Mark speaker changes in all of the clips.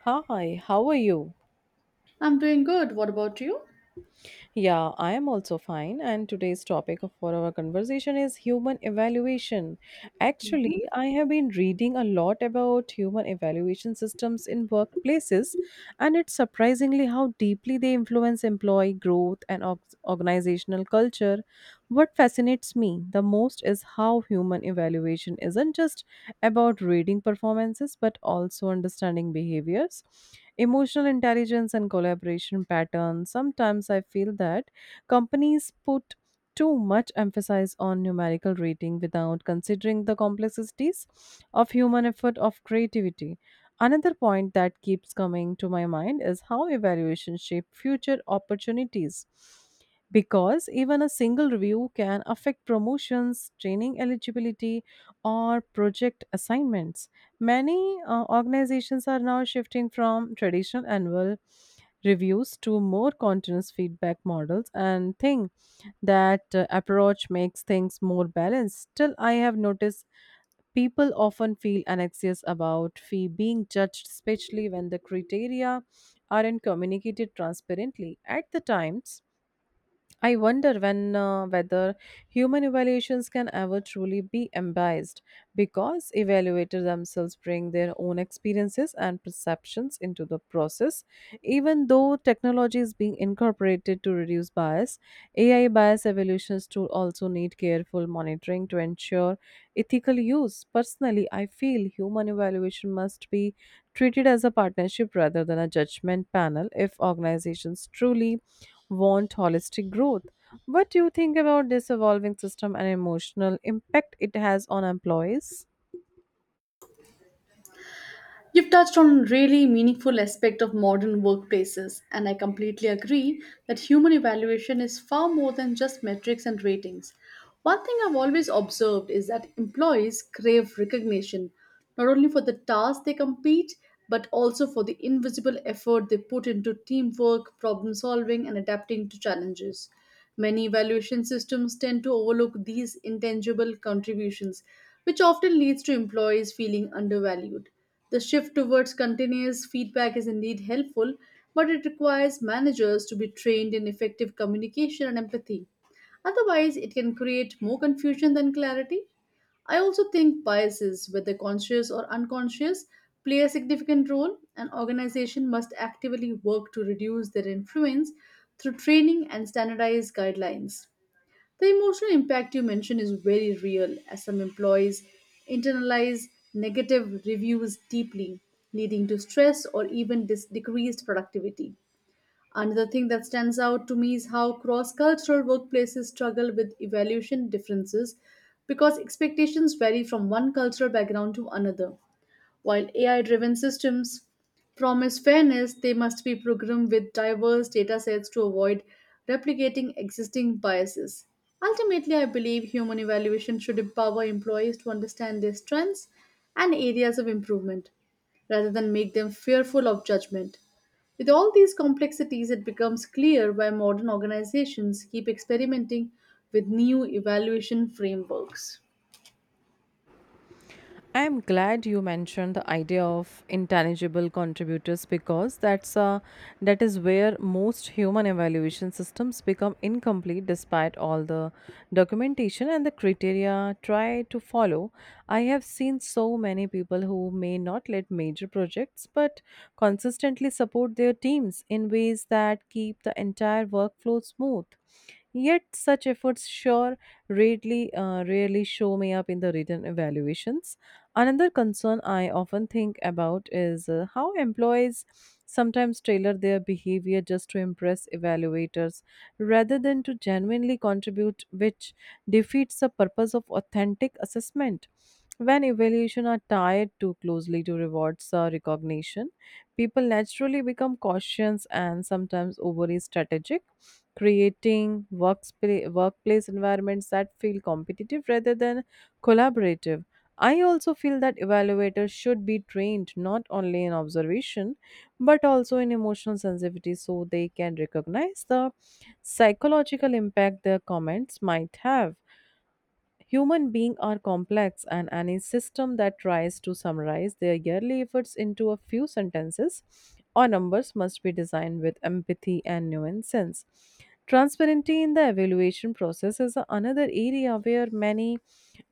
Speaker 1: Hi, how are you?
Speaker 2: I'm doing good. What about you?
Speaker 1: Yeah, I am also fine. And today's for our conversation is human evaluation. Actually,
Speaker 2: Mhm.
Speaker 1: I have been reading a lot about human evaluation systems in workplaces, and it's surprisingly how deeply they influence employee growth and organizational culture. What fascinates me the most is how human evaluation isn't just about reading performances but also understanding behaviors, emotional intelligence, and collaboration patterns. Sometimes I feel that companies put too much emphasis on numerical rating without considering the complexities of human effort of creativity. Another point that keeps coming to my mind is how evaluation shape future opportunities because even a single review can affect promotions, training eligibility, or project assignments. Many organizations are now shifting from traditional annual reviews to more continuous feedback models and think that approach makes things more balanced. Still, I have noticed people often feel anxious about fee being judged, especially when the criteria aren't communicated transparently at the times. I wonder when whether human evaluations can ever truly be unbiased because evaluators themselves bring their own experiences and perceptions into the process. Even though technology is being incorporated to reduce bias, AI bias evaluations tool also need careful monitoring to ensure ethical use. Personally, I feel human evaluation must be treated as a partnership rather than a judgment panel if organizations truly want holistic growth. What do you think about this evolving system and emotional impact it has on employees?
Speaker 2: You've touched on a really meaningful aspect of modern workplaces, and I completely agree that human evaluation is far more than just metrics and ratings. One thing I've always observed is that employees crave recognition, not only for the tasks they compete, but also for the invisible effort they put into teamwork, problem solving, and adapting to challenges. Many evaluation systems tend to overlook these intangible contributions, which often leads to employees feeling undervalued. The shift towards continuous feedback is indeed helpful, but it requires managers to be trained in effective communication and empathy. Otherwise, it can create more confusion than clarity. I also think biases, whether conscious or unconscious, play a significant role. An organization must actively work to reduce their influence through training and standardized guidelines. The emotional impact you mentioned is very real, as some employees internalize negative reviews deeply, leading to stress or even decreased productivity. Another thing that stands out to me is how cross cultural workplaces struggle with evaluation differences because expectations vary from one cultural background to another. While AI driven systems promise fairness, they must be programmed with diverse data sets to avoid replicating existing biases. Ultimately, I believe human evaluation should empower employees to understand their strengths and areas of improvement rather than make them fearful of judgment. With all these complexities, it becomes clear why modern organizations keep experimenting with new evaluation frameworks.
Speaker 1: I am glad you mentioned the idea of intangible contributors because that is where most human evaluation systems become incomplete despite all the documentation and the criteria try to follow. I have seen so many people who may not lead major projects but consistently support their teams in ways that keep the entire workflow smooth. Yet such efforts sure rarely show me up in the written evaluations. Another concern I often think about is how employees sometimes tailor their behavior just to impress evaluators rather than to genuinely contribute, which defeats the purpose of authentic assessment. When evaluation are tied too closely to rewards or recognition, people naturally become cautious and sometimes overly strategic, creating workplace environments that feel competitive rather than collaborative. I also feel that evaluators should be trained not only in observation but also in emotional sensitivity so they can recognize the psychological impact their comments might have. Human beings are complex, and any system that tries to summarize their yearly efforts into a few sentences or numbers must be designed with empathy and nuance. Transparency in the evaluation process is another area where many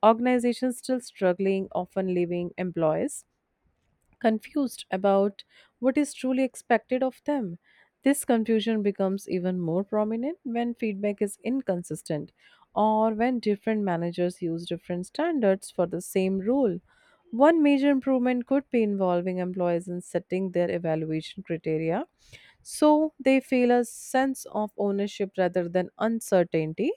Speaker 1: organizations still struggling, often leaving employees confused about what is truly expected of them. This confusion becomes even more prominent when feedback is inconsistent or when different managers use different standards for the same role. One major improvement could be involving employees in setting their evaluation criteria so they feel a sense of ownership rather than uncertainty.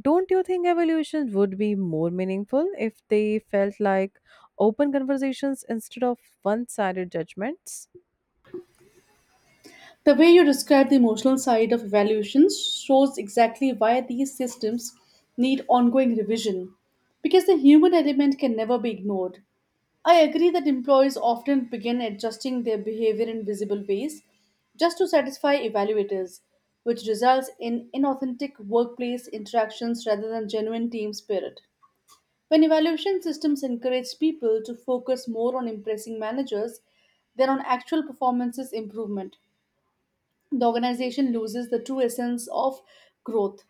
Speaker 1: Don't you think evolution would be more meaningful if they felt like open conversations instead of one sided judgments?
Speaker 2: The way you describe the emotional side of evaluations shows exactly why these systems need ongoing revision, because the human element can never be ignored. I agree that employers often begin adjusting their behavior in visible ways just to satisfy evaluators, which results in inauthentic workplace interactions rather than genuine team spirit. When evaluation systems encourage people to focus more on impressing managers than on actual performances improvement, the organization loses the true essence of growth.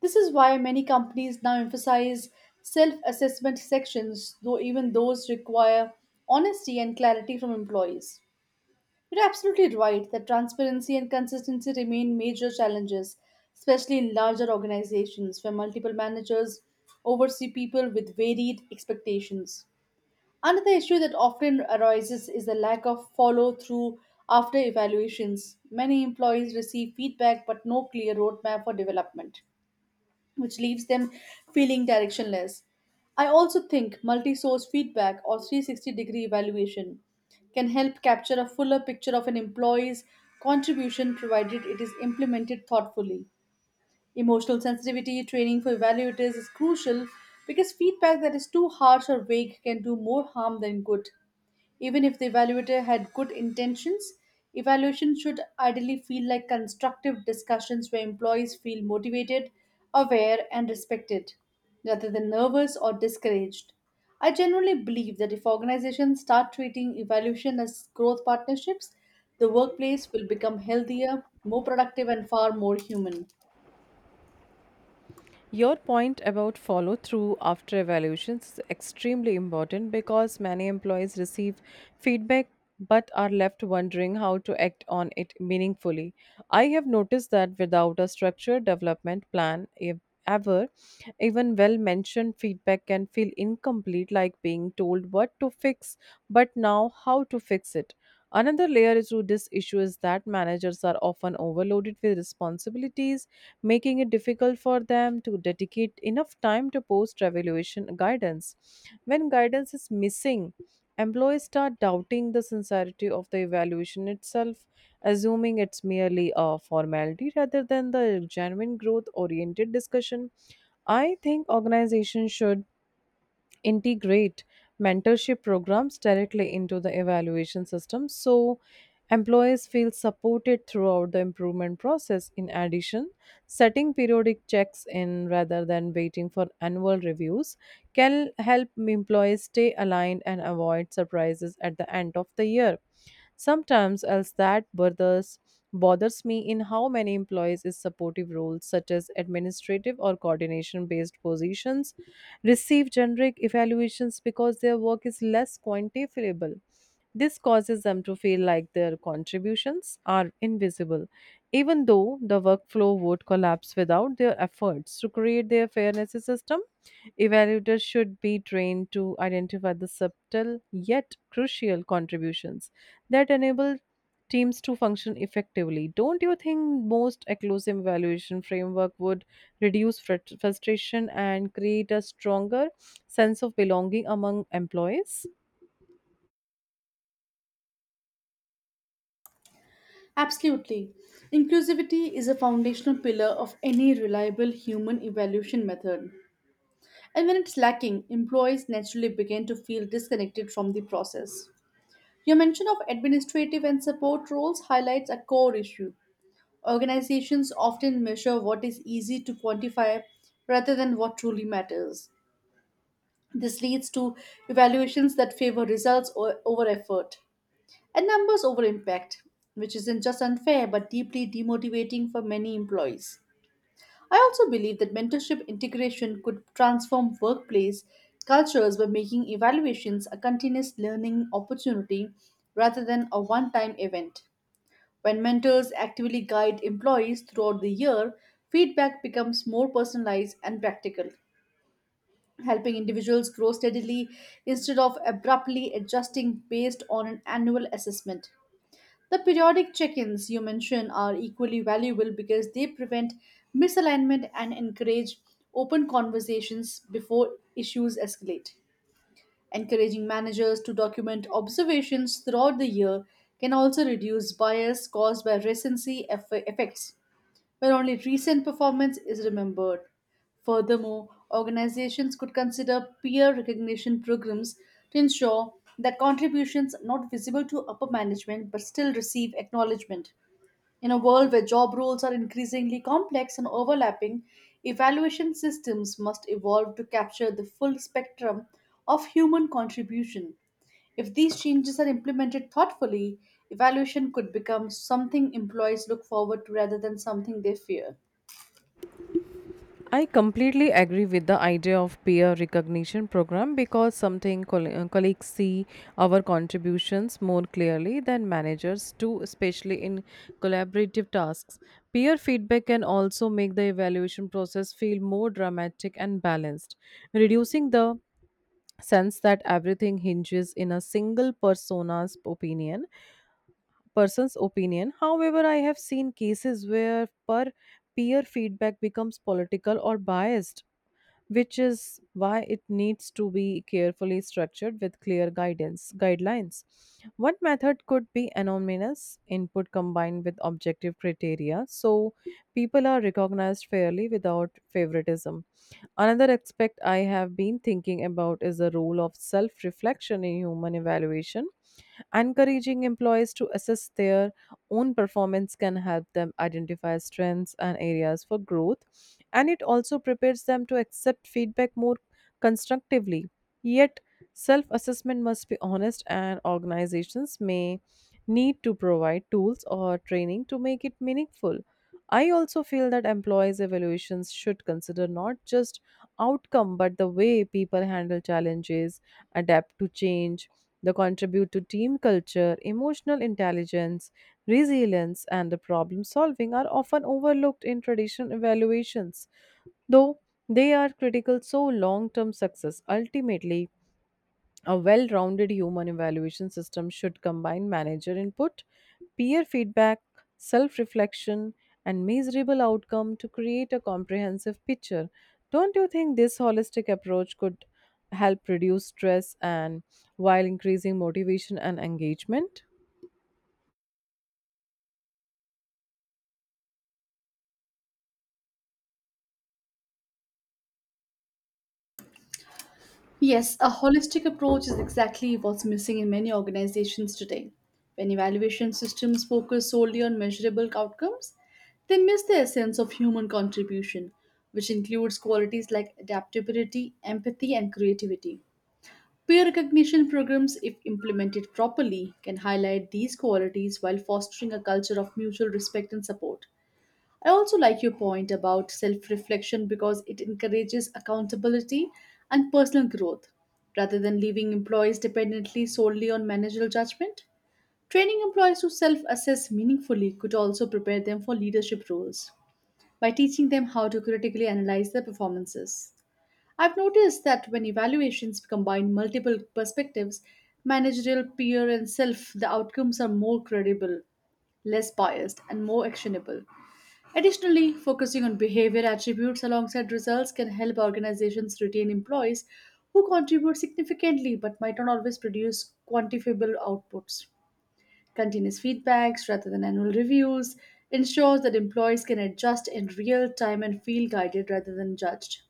Speaker 2: This is why many companies now emphasize self assessment sections, though even those require honesty and clarity from employees. You're absolutely right that transparency and consistency remain major challenges, especially in larger organizations where multiple managers oversee people with varied expectations. Another issue that often arises is the lack of follow through after evaluations. Many employees receive feedback but no clear roadmap for development, which leaves them feeling directionless. I also think multi source feedback or 360 degree evaluation can help capture a fuller picture of an employee's contribution provided it is implemented thoughtfully. Emotional sensitivity training for evaluators is crucial because feedback that is too harsh or vague can do more harm than good. Even if the evaluator had good intentions, evaluation should ideally feel like constructive discussions where employees feel motivated, aware, and respected, rather than nervous or discouraged. I generally believe that if organizations start treating evaluation as growth partnerships, the workplace will become healthier, more productive, and far more human.
Speaker 1: Your point about follow through after evaluations is extremely important because many employees receive feedback but are left wondering how to act on it meaningfully. I have noticed that without a structured development plan, if ever, even well mentioned feedback can feel incomplete, like being told what to fix, but now how to fix it. Another layer to this issue is that managers are often overloaded with responsibilities making it difficult for them to dedicate enough time to post evaluation guidance. When guidance is missing, employees start doubting the sincerity of the evaluation itself, assuming it's merely a formality rather than the genuine growth oriented discussion. I think organizations should integrate mentorship programs directly into the evaluation system so employees feel supported throughout the improvement process. In addition, setting periodic checks in rather than waiting for annual reviews can help employees stay aligned and avoid surprises at the end of the year. Sometimes else that bothers me in how many employees is supportive roles such as administrative or coordination based positions receive generic evaluations because their work is less quantifiable. This causes them to feel like their contributions are invisible, even though the workflow would collapse without their efforts to create their fairness system. Evaluators should be trained to identify the subtle yet crucial contributions that enable teams to function effectively. Don't you think most inclusive evaluation framework would reduce frustration and create a stronger sense of belonging among employees?
Speaker 2: Absolutely. Inclusivity is a foundational pillar of any reliable human evaluation method. And when it's lacking, employees naturally begin to feel disconnected from the process. Your mention of administrative and support roles highlights a core issue. Organizations often measure what is easy to quantify rather than what truly matters. This leads to evaluations that favor results over effort. And numbers over impact, which isn't just unfair but deeply demotivating for many employees. I also believe that mentorship integration could transform workplace cultures by making evaluations a continuous learning opportunity rather than a one time event. When mentors actively guide employees throughout the year, feedback becomes more personalized and practical, helping individuals grow steadily instead of abruptly adjusting based on an annual assessment. The periodic check ins you mention are equally valuable because they prevent misalignment and encourage open conversations before issues escalate. Encouraging managers to document observations throughout the year can also reduce bias caused by recency effects where only recent performance is remembered. Furthermore, organizations could consider peer recognition programs to ensure that contributions not visible to upper management but still receive acknowledgement. In a world where job roles are increasingly complex and overlapping, evaluation systems must evolve to capture the full spectrum of human contribution. If these changes are implemented thoughtfully, evaluation could become something employees look forward to rather than something they fear.
Speaker 1: I completely agree with the idea of peer recognition program because something colleagues see our contributions more clearly than managers do, especially in collaborative tasks. Peer feedback can also make the evaluation process feel more dramatic and balanced, reducing the sense that everything hinges in a single persona's opinion person's opinion. However, I have seen cases where per peer feedback becomes political or biased, which is why it needs to be carefully structured with clear guidance guidelines. One method could be anonymous input combined with objective criteria so people are recognized fairly without favoritism. Another aspect I have been thinking about is the role of self reflection in human evaluation. Encouraging employees to assess their own performance can help them identify strengths and areas for growth, and it also prepares them to accept feedback more constructively. Yet, self assessment must be honest, and organizations may need to provide tools or training to make it meaningful. I also feel that employees' evaluations should consider not just outcome but the way people handle challenges, adapt to change, they contribute to team culture, emotional intelligence, resilience, and the problem solving are often overlooked in traditional evaluations, though they are critical to long term success. Ultimately, a well rounded human evaluation system should combine manager input, peer feedback, self reflection, and measurable outcome to create a comprehensive picture. Don't you think this holistic approach could help reduce stress and while increasing motivation and engagement?
Speaker 2: Yes, a holistic approach is exactly what's missing in many organizations today. When evaluation systems focus solely on measurable outcomes, they miss the essence of human contribution, which includes qualities like adaptability, empathy, and creativity. Peer recognition programs, if implemented properly, can highlight these qualities while fostering a culture of mutual respect and support. I also like your point about self reflection because it encourages accountability and personal growth rather than leaving employees dependently solely on managerial judgment. Training employees to self assess meaningfully could also prepare them for leadership roles by teaching them how to critically analyze their performances. I've noticed that when evaluations combine multiple perspectives, managerial, peer, and self, the outcomes are more credible, less biased, and more actionable. Additionally, focusing on behavior attributes alongside results can help organizations retain employees who contribute significantly but might not always produce quantifiable outputs. Continuous feedbacks rather than annual reviews ensures that employees can adjust in real time and feel guided rather than judged.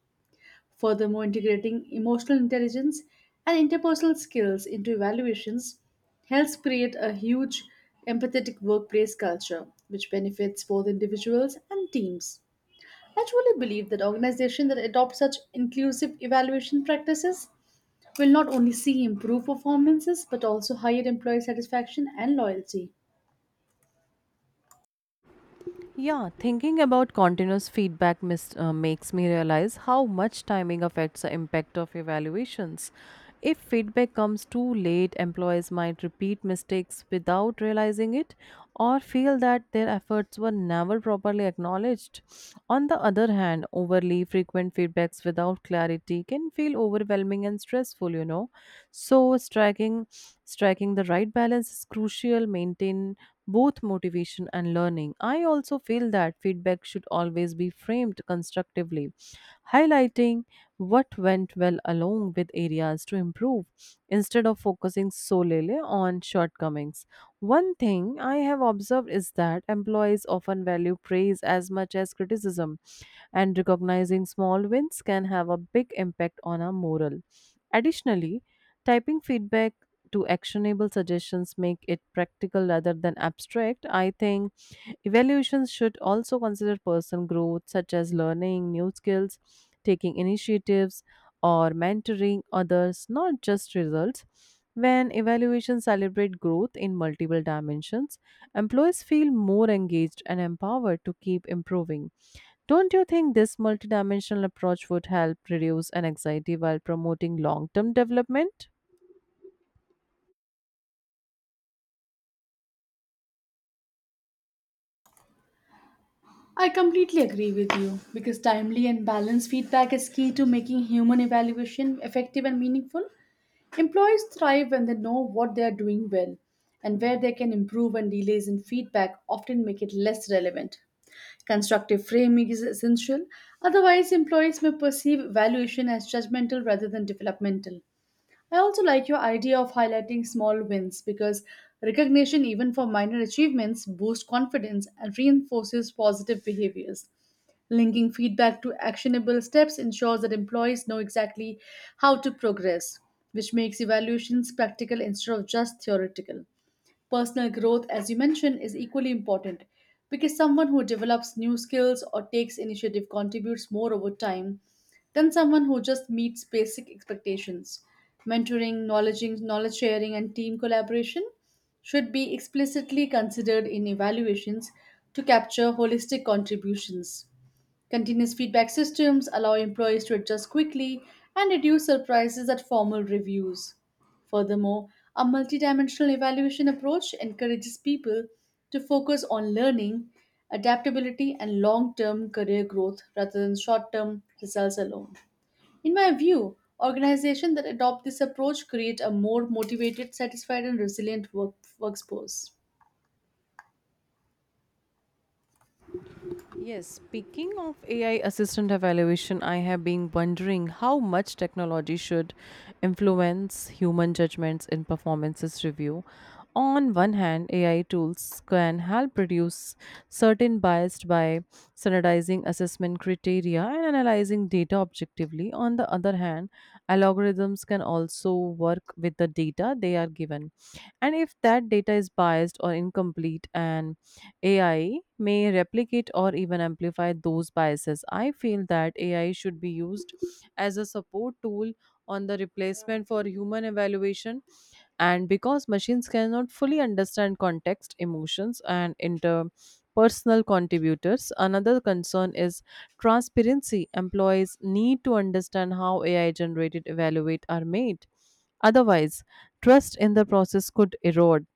Speaker 2: Furthermore, integrating emotional intelligence and interpersonal skills into evaluations helps create a huge empathetic workplace culture, which benefits both individuals and teams. I truly believe that organizations that adopt such inclusive evaluation practices will not only see improved performances but also higher employee satisfaction and loyalty.
Speaker 1: Yeah, thinking about continuous feedback makes me realize how much timing affects the impact of evaluations. If feedback comes too late, employees might repeat mistakes without realizing it or feel that their efforts were never properly acknowledged. On the other hand, overly frequent feedbacks without clarity can feel overwhelming and stressful, you know. So striking the right balance is crucial maintain both motivation and learning. I also feel that feedback should always be framed constructively, highlighting what went well along with areas to improve instead of focusing solely on shortcomings. One thing I have observed is that employees often value praise as much as criticism, and recognizing small wins can have a big impact on our morale. Additionally, typing feedback to actionable suggestions make it practical rather than abstract, I think. Evaluations should also consider personal growth, such as learning new skills, taking initiatives, or mentoring others, not just results. When evaluations celebrate growth in multiple dimensions, employees feel more engaged and empowered to keep improving. Don't you think this multidimensional approach would help reduce an anxiety while promoting long term development?
Speaker 2: I completely agree with you because timely and balanced feedback is key to making human evaluation effective and meaningful. Employees thrive when they know what they are doing well and where they can improve, and delays in feedback often make it less relevant. Constructive framing is essential, otherwise, employees may perceive evaluation as judgmental rather than developmental. I also like your idea of highlighting small wins because recognition, even for minor achievements, boosts confidence and reinforces positive behaviors. Linking feedback to actionable steps ensures that employees know exactly how to progress, which makes evaluations practical instead of just theoretical. Personal growth, as you mentioned, is equally important because someone who develops new skills or takes initiative contributes more over time than someone who just meets basic expectations. Mentoring, knowledge sharing, and team collaboration should be explicitly considered in evaluations to capture holistic contributions. Continuous feedback systems allow employees to adjust quickly and reduce surprises at formal reviews. Furthermore, a multidimensional evaluation approach encourages people to focus on learning, adaptability, and long term career growth rather than short term results alone. In my view, organizations that adopt this approach create a more motivated, satisfied, and resilient workforce.
Speaker 1: Yes, speaking of AI assistant evaluation, I have been wondering how much technology should influence human judgments in performances review. On one hand, AI tools can help reduce certain bias by standardizing assessment criteria and analyzing data objectively. On the other hand, algorithms can also work with the data they are given. And if that data is biased or incomplete and AI may replicate or even amplify those biases. I feel that AI should be used as a support tool on the replacement for human evaluation, and because machines cannot fully understand context emotions and interpersonal contributors, another concern is transparency. Employees need to understand how AI generated evaluate are made, otherwise trust in the process could erode.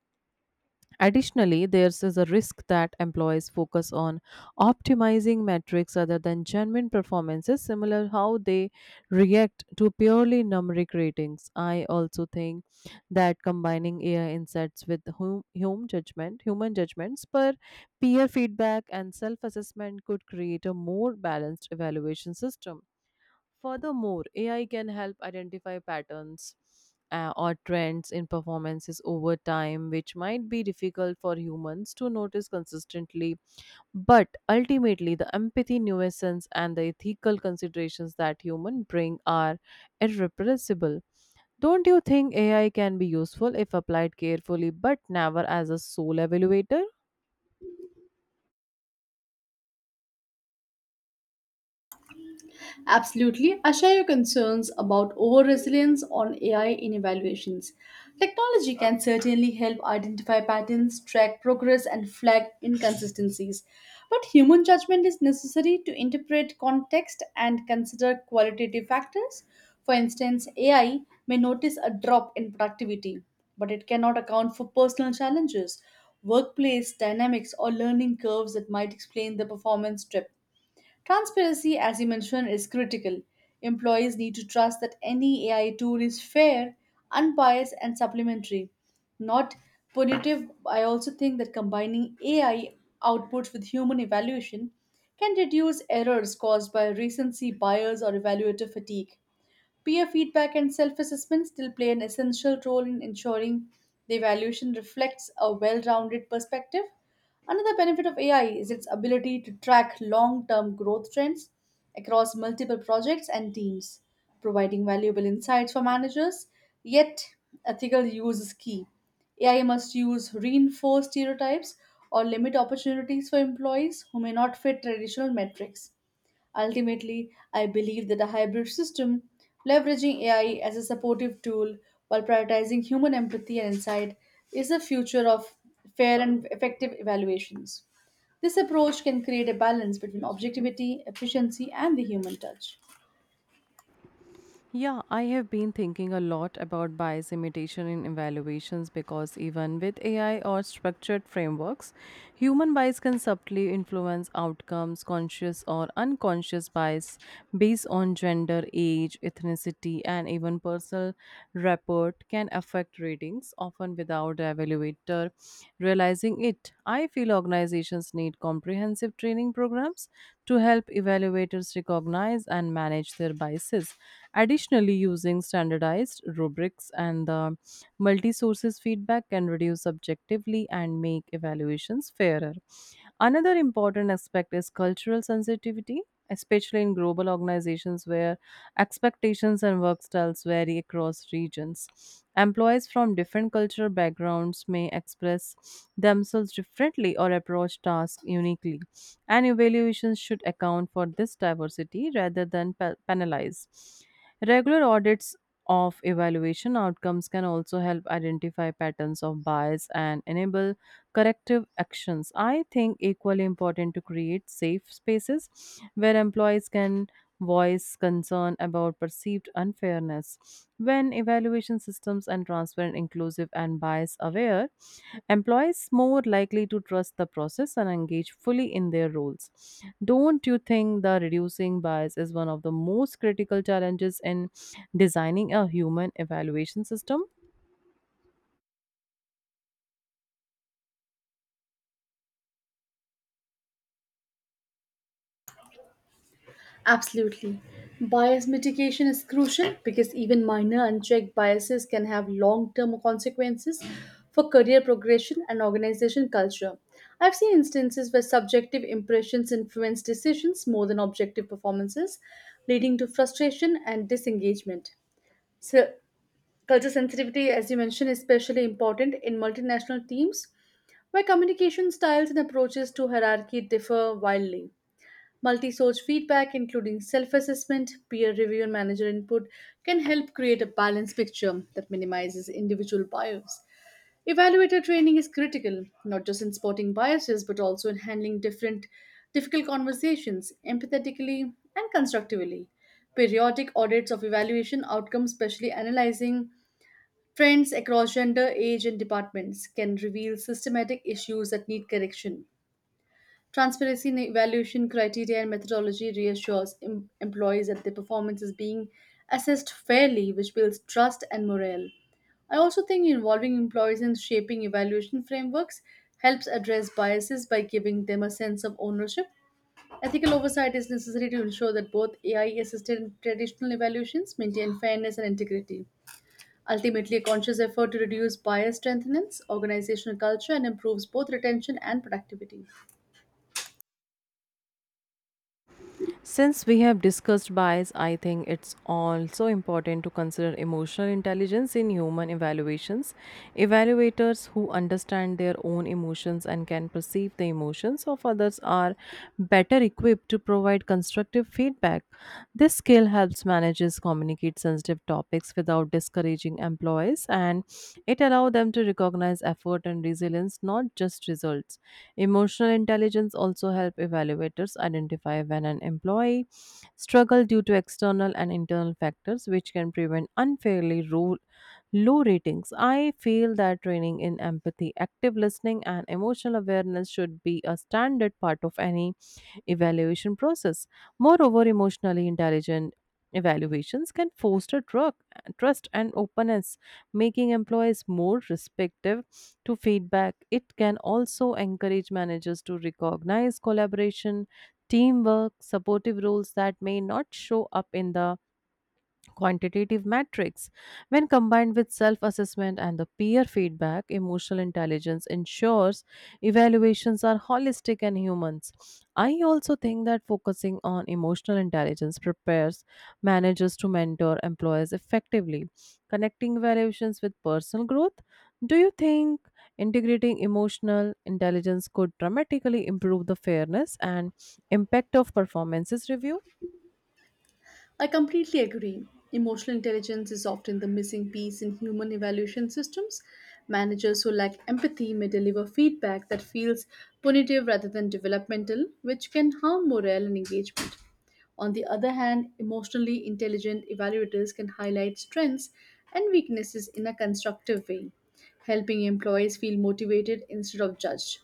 Speaker 1: Additionally, there is a risk that employees focus on optimizing metrics other than genuine performances, similar how they react to purely numeric ratings. I also think that combining AI insights with human judgments, per peer feedback, and self-assessment could create a more balanced evaluation system. Furthermore, AI can help identify patterns or trends in performances over time, which might be difficult for humans to notice consistently. But ultimately, the empathy, nuisance, and the ethical considerations that humans bring are irrepressible. Don't you think AI can be useful if applied carefully, but never as a sole evaluator?
Speaker 2: Absolutely. I share your concerns about over resilience on AI in evaluations. Technology can certainly help identify patterns, track progress, and flag inconsistencies. But human judgment is necessary to interpret context and consider qualitative factors. For instance, AI may notice a drop in productivity, but it cannot account for personal challenges, workplace dynamics, or learning curves that might explain the performance dip. Transparency, as you mentioned, is critical. Employees need to trust that any AI tool is fair, unbiased, and supplementary, not punitive. I also think that combining AI outputs with human evaluation can reduce errors caused by recency bias or evaluative fatigue. Peer feedback and self assessment still play an essential role in ensuring the evaluation reflects a well rounded perspective. Another benefit of AI is its ability to track long term growth trends across multiple projects and teams, providing valuable insights for managers. Yet, ethical use is key. AI must use reinforce stereotypes or limit opportunities for employees who may not fit traditional metrics. Ultimately, I believe that a hybrid system, leveraging AI as a supportive tool while prioritizing human empathy and insight, is the future of fair and effective evaluations. This approach can create a balance between objectivity, efficiency, and the human touch.
Speaker 1: Yeah, I have been thinking a lot about bias imitation in evaluations because even with AI or structured frameworks, human bias can subtly influence outcomes, conscious or unconscious bias based on gender, age, ethnicity, and even personal rapport can affect ratings, often without the evaluator realizing it. I feel organizations need comprehensive training programs to help evaluators recognize and manage their biases. Additionally, using standardized rubrics and the multi sources feedback can reduce subjectively and make evaluations fairer. Another important aspect is cultural sensitivity, especially in global organizations where expectations and work styles vary across regions. Employees from different cultural backgrounds may express themselves differently or approach tasks uniquely, and evaluations should account for this diversity rather than penalize. Regular audits of evaluation outcomes can also help identify patterns of bias and enable corrective actions. I think equally important to create safe spaces where employees can voice concern about perceived unfairness. When evaluation systems and transparent, inclusive, and bias aware, employees more likely to trust the process and engage fully in their roles. Don't you think the reducing bias is one of the most critical challenges in designing a human evaluation system?
Speaker 2: Absolutely. Bias mitigation is crucial because even minor unchecked biases can have long term consequences for career progression and organization culture. I've seen instances where subjective impressions influence decisions more than objective performances, leading to frustration and disengagement. So, culture sensitivity, as you mentioned, is especially important in multinational teams where communication styles and approaches to hierarchy differ wildly. Multi source feedback, including self assessment, peer review, and manager input, can help create a balanced picture that minimizes individual bias. Evaluator training is critical, not just in spotting biases, but also in handling different difficult conversations empathetically and constructively. Periodic audits of evaluation outcomes, especially analyzing trends across gender, age, and departments, can reveal systematic issues that need correction. Transparency in evaluation criteria and methodology reassures employees that their performance is being assessed fairly, which builds trust and morale. I also think involving employees in shaping evaluation frameworks helps address biases by giving them a sense of ownership. Ethical oversight is necessary to ensure that both AI assisted and traditional evaluations maintain fairness and integrity. Ultimately, a conscious effort to reduce bias strengthens organizational culture and improves both retention and productivity.
Speaker 1: Since we have discussed bias, I think it's also important to consider emotional intelligence in human evaluations. Evaluators who understand their own emotions and can perceive the emotions of others are better equipped to provide constructive feedback. This skill helps managers communicate sensitive topics without discouraging employees and it allows them to recognize effort and resilience, not just results. Emotional intelligence also help evaluators identify when an employee struggle due to external and internal factors which can prevent unfairly rule low ratings. I feel that training in empathy, active listening, and emotional awareness should be a standard part of any evaluation process. Moreover, emotionally intelligent evaluations can foster trust and openness, making employees more respectful to feedback. It can also encourage managers to recognize collaboration, teamwork, supportive roles that may not show up in the quantitative metrics, when combined with self assessment and the peer feedback, emotional intelligence ensures evaluations are holistic and humans. I also think that focusing on emotional intelligence prepares managers to mentor employees effectively, connecting evaluations with personal growth. Do you think integrating emotional intelligence could dramatically improve the fairness and impact of performances review?
Speaker 2: I completely agree. Emotional intelligence is often the missing piece in human evaluation systems. Managers who lack empathy may deliver feedback that feels punitive rather than developmental, which can harm morale and engagement. On the other hand, emotionally intelligent evaluators can highlight strengths and weaknesses in a constructive way, helping employees feel motivated instead of judged.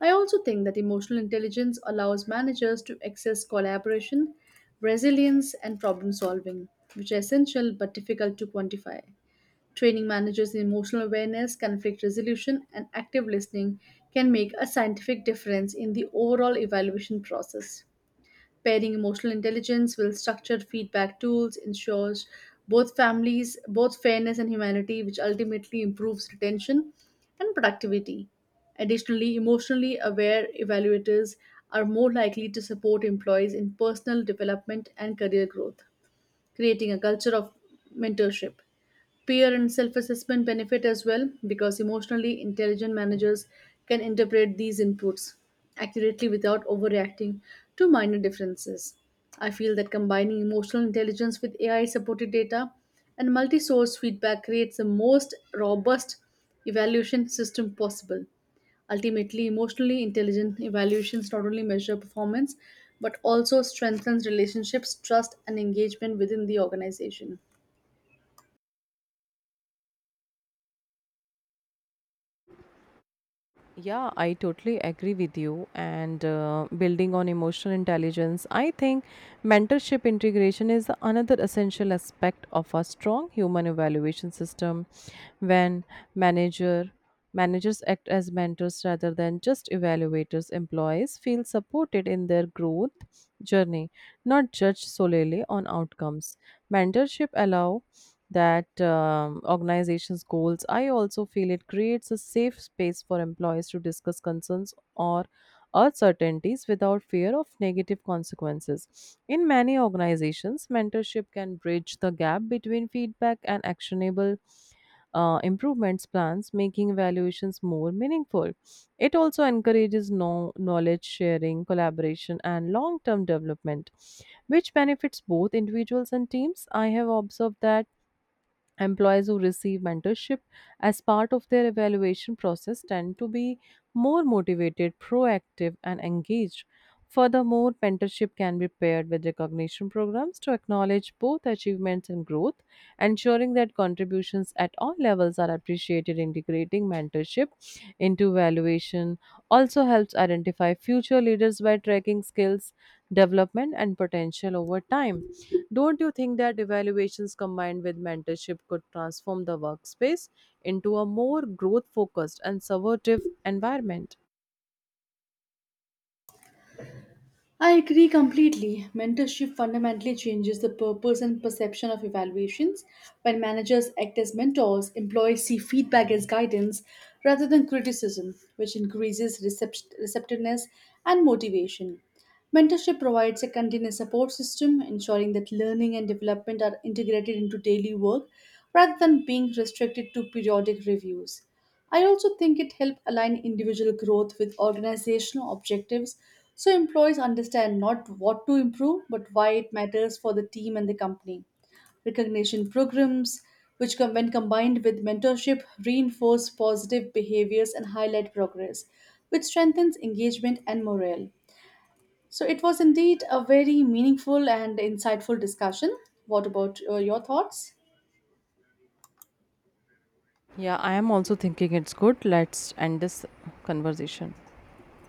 Speaker 2: I also think that emotional intelligence allows managers to access collaboration, resilience, and problem solving, which are essential but difficult to quantify. Training managers in emotional awareness, conflict resolution, and active listening can make a scientific difference in the overall evaluation process. Pairing emotional intelligence with structured feedback tools ensures both families both fairness and humanity, which ultimately improves retention and productivity. Additionally, emotionally aware evaluators are more likely to support employees in personal development and career growth, creating a culture of mentorship. Peer and self assessment benefit as well because emotionally intelligent managers can interpret these inputs accurately without overreacting to minor differences. I feel that combining emotional intelligence with AI supported data and multi source feedback creates the most robust evaluation system possible. Ultimately, emotionally intelligent evaluations not only measure performance but also strengthens relationships, trust, and engagement within the organization.
Speaker 1: Yeah, I totally agree with you. And building on emotional intelligence, I think mentorship integration is another essential aspect of a strong human evaluation system. When manager managers act as mentors rather than just evaluators, employees feel supported in their growth journey, not judged solely on outcomes. Mentorship allow that organization's goals. I also feel it creates a safe space for employees to discuss concerns or uncertainties without fear of negative consequences. In many organizations, mentorship can bridge the gap between feedback and actionable improvements plans, making evaluations more meaningful. It also encourages knowledge sharing, collaboration, and long term development, which benefits both individuals and teams. I have observed that employees who receive mentorship as part of their evaluation process tend to be more motivated, proactive, and engaged. Furthermore, mentorship can be paired with recognition programs to acknowledge both achievements and growth, ensuring that contributions at all levels are appreciated. Integrating mentorship into evaluation also helps identify future leaders by tracking skills development and potential over time. Don't you think that evaluations combined with mentorship could transform the workspace into a more growth focused and supportive environment?
Speaker 2: I agree completely. Mentorship fundamentally changes the purpose and perception of evaluations. When managers act as mentors, employees see feedback as guidance rather than criticism, which increases receptiveness and motivation. Mentorship provides a continuous support system, ensuring that learning and development are integrated into daily work rather than being restricted to periodic reviews. I also think it helps align individual growth with organizational objectives so employees understand not what to improve but why it matters for the team and the company. Recognition programs, when combined with mentorship, reinforce positive behaviors and highlight progress, which strengthens engagement and morale. So it was indeed a very meaningful and insightful discussion. What about your thoughts?
Speaker 1: Yeah, I am also thinking it's good. Let's end this conversation.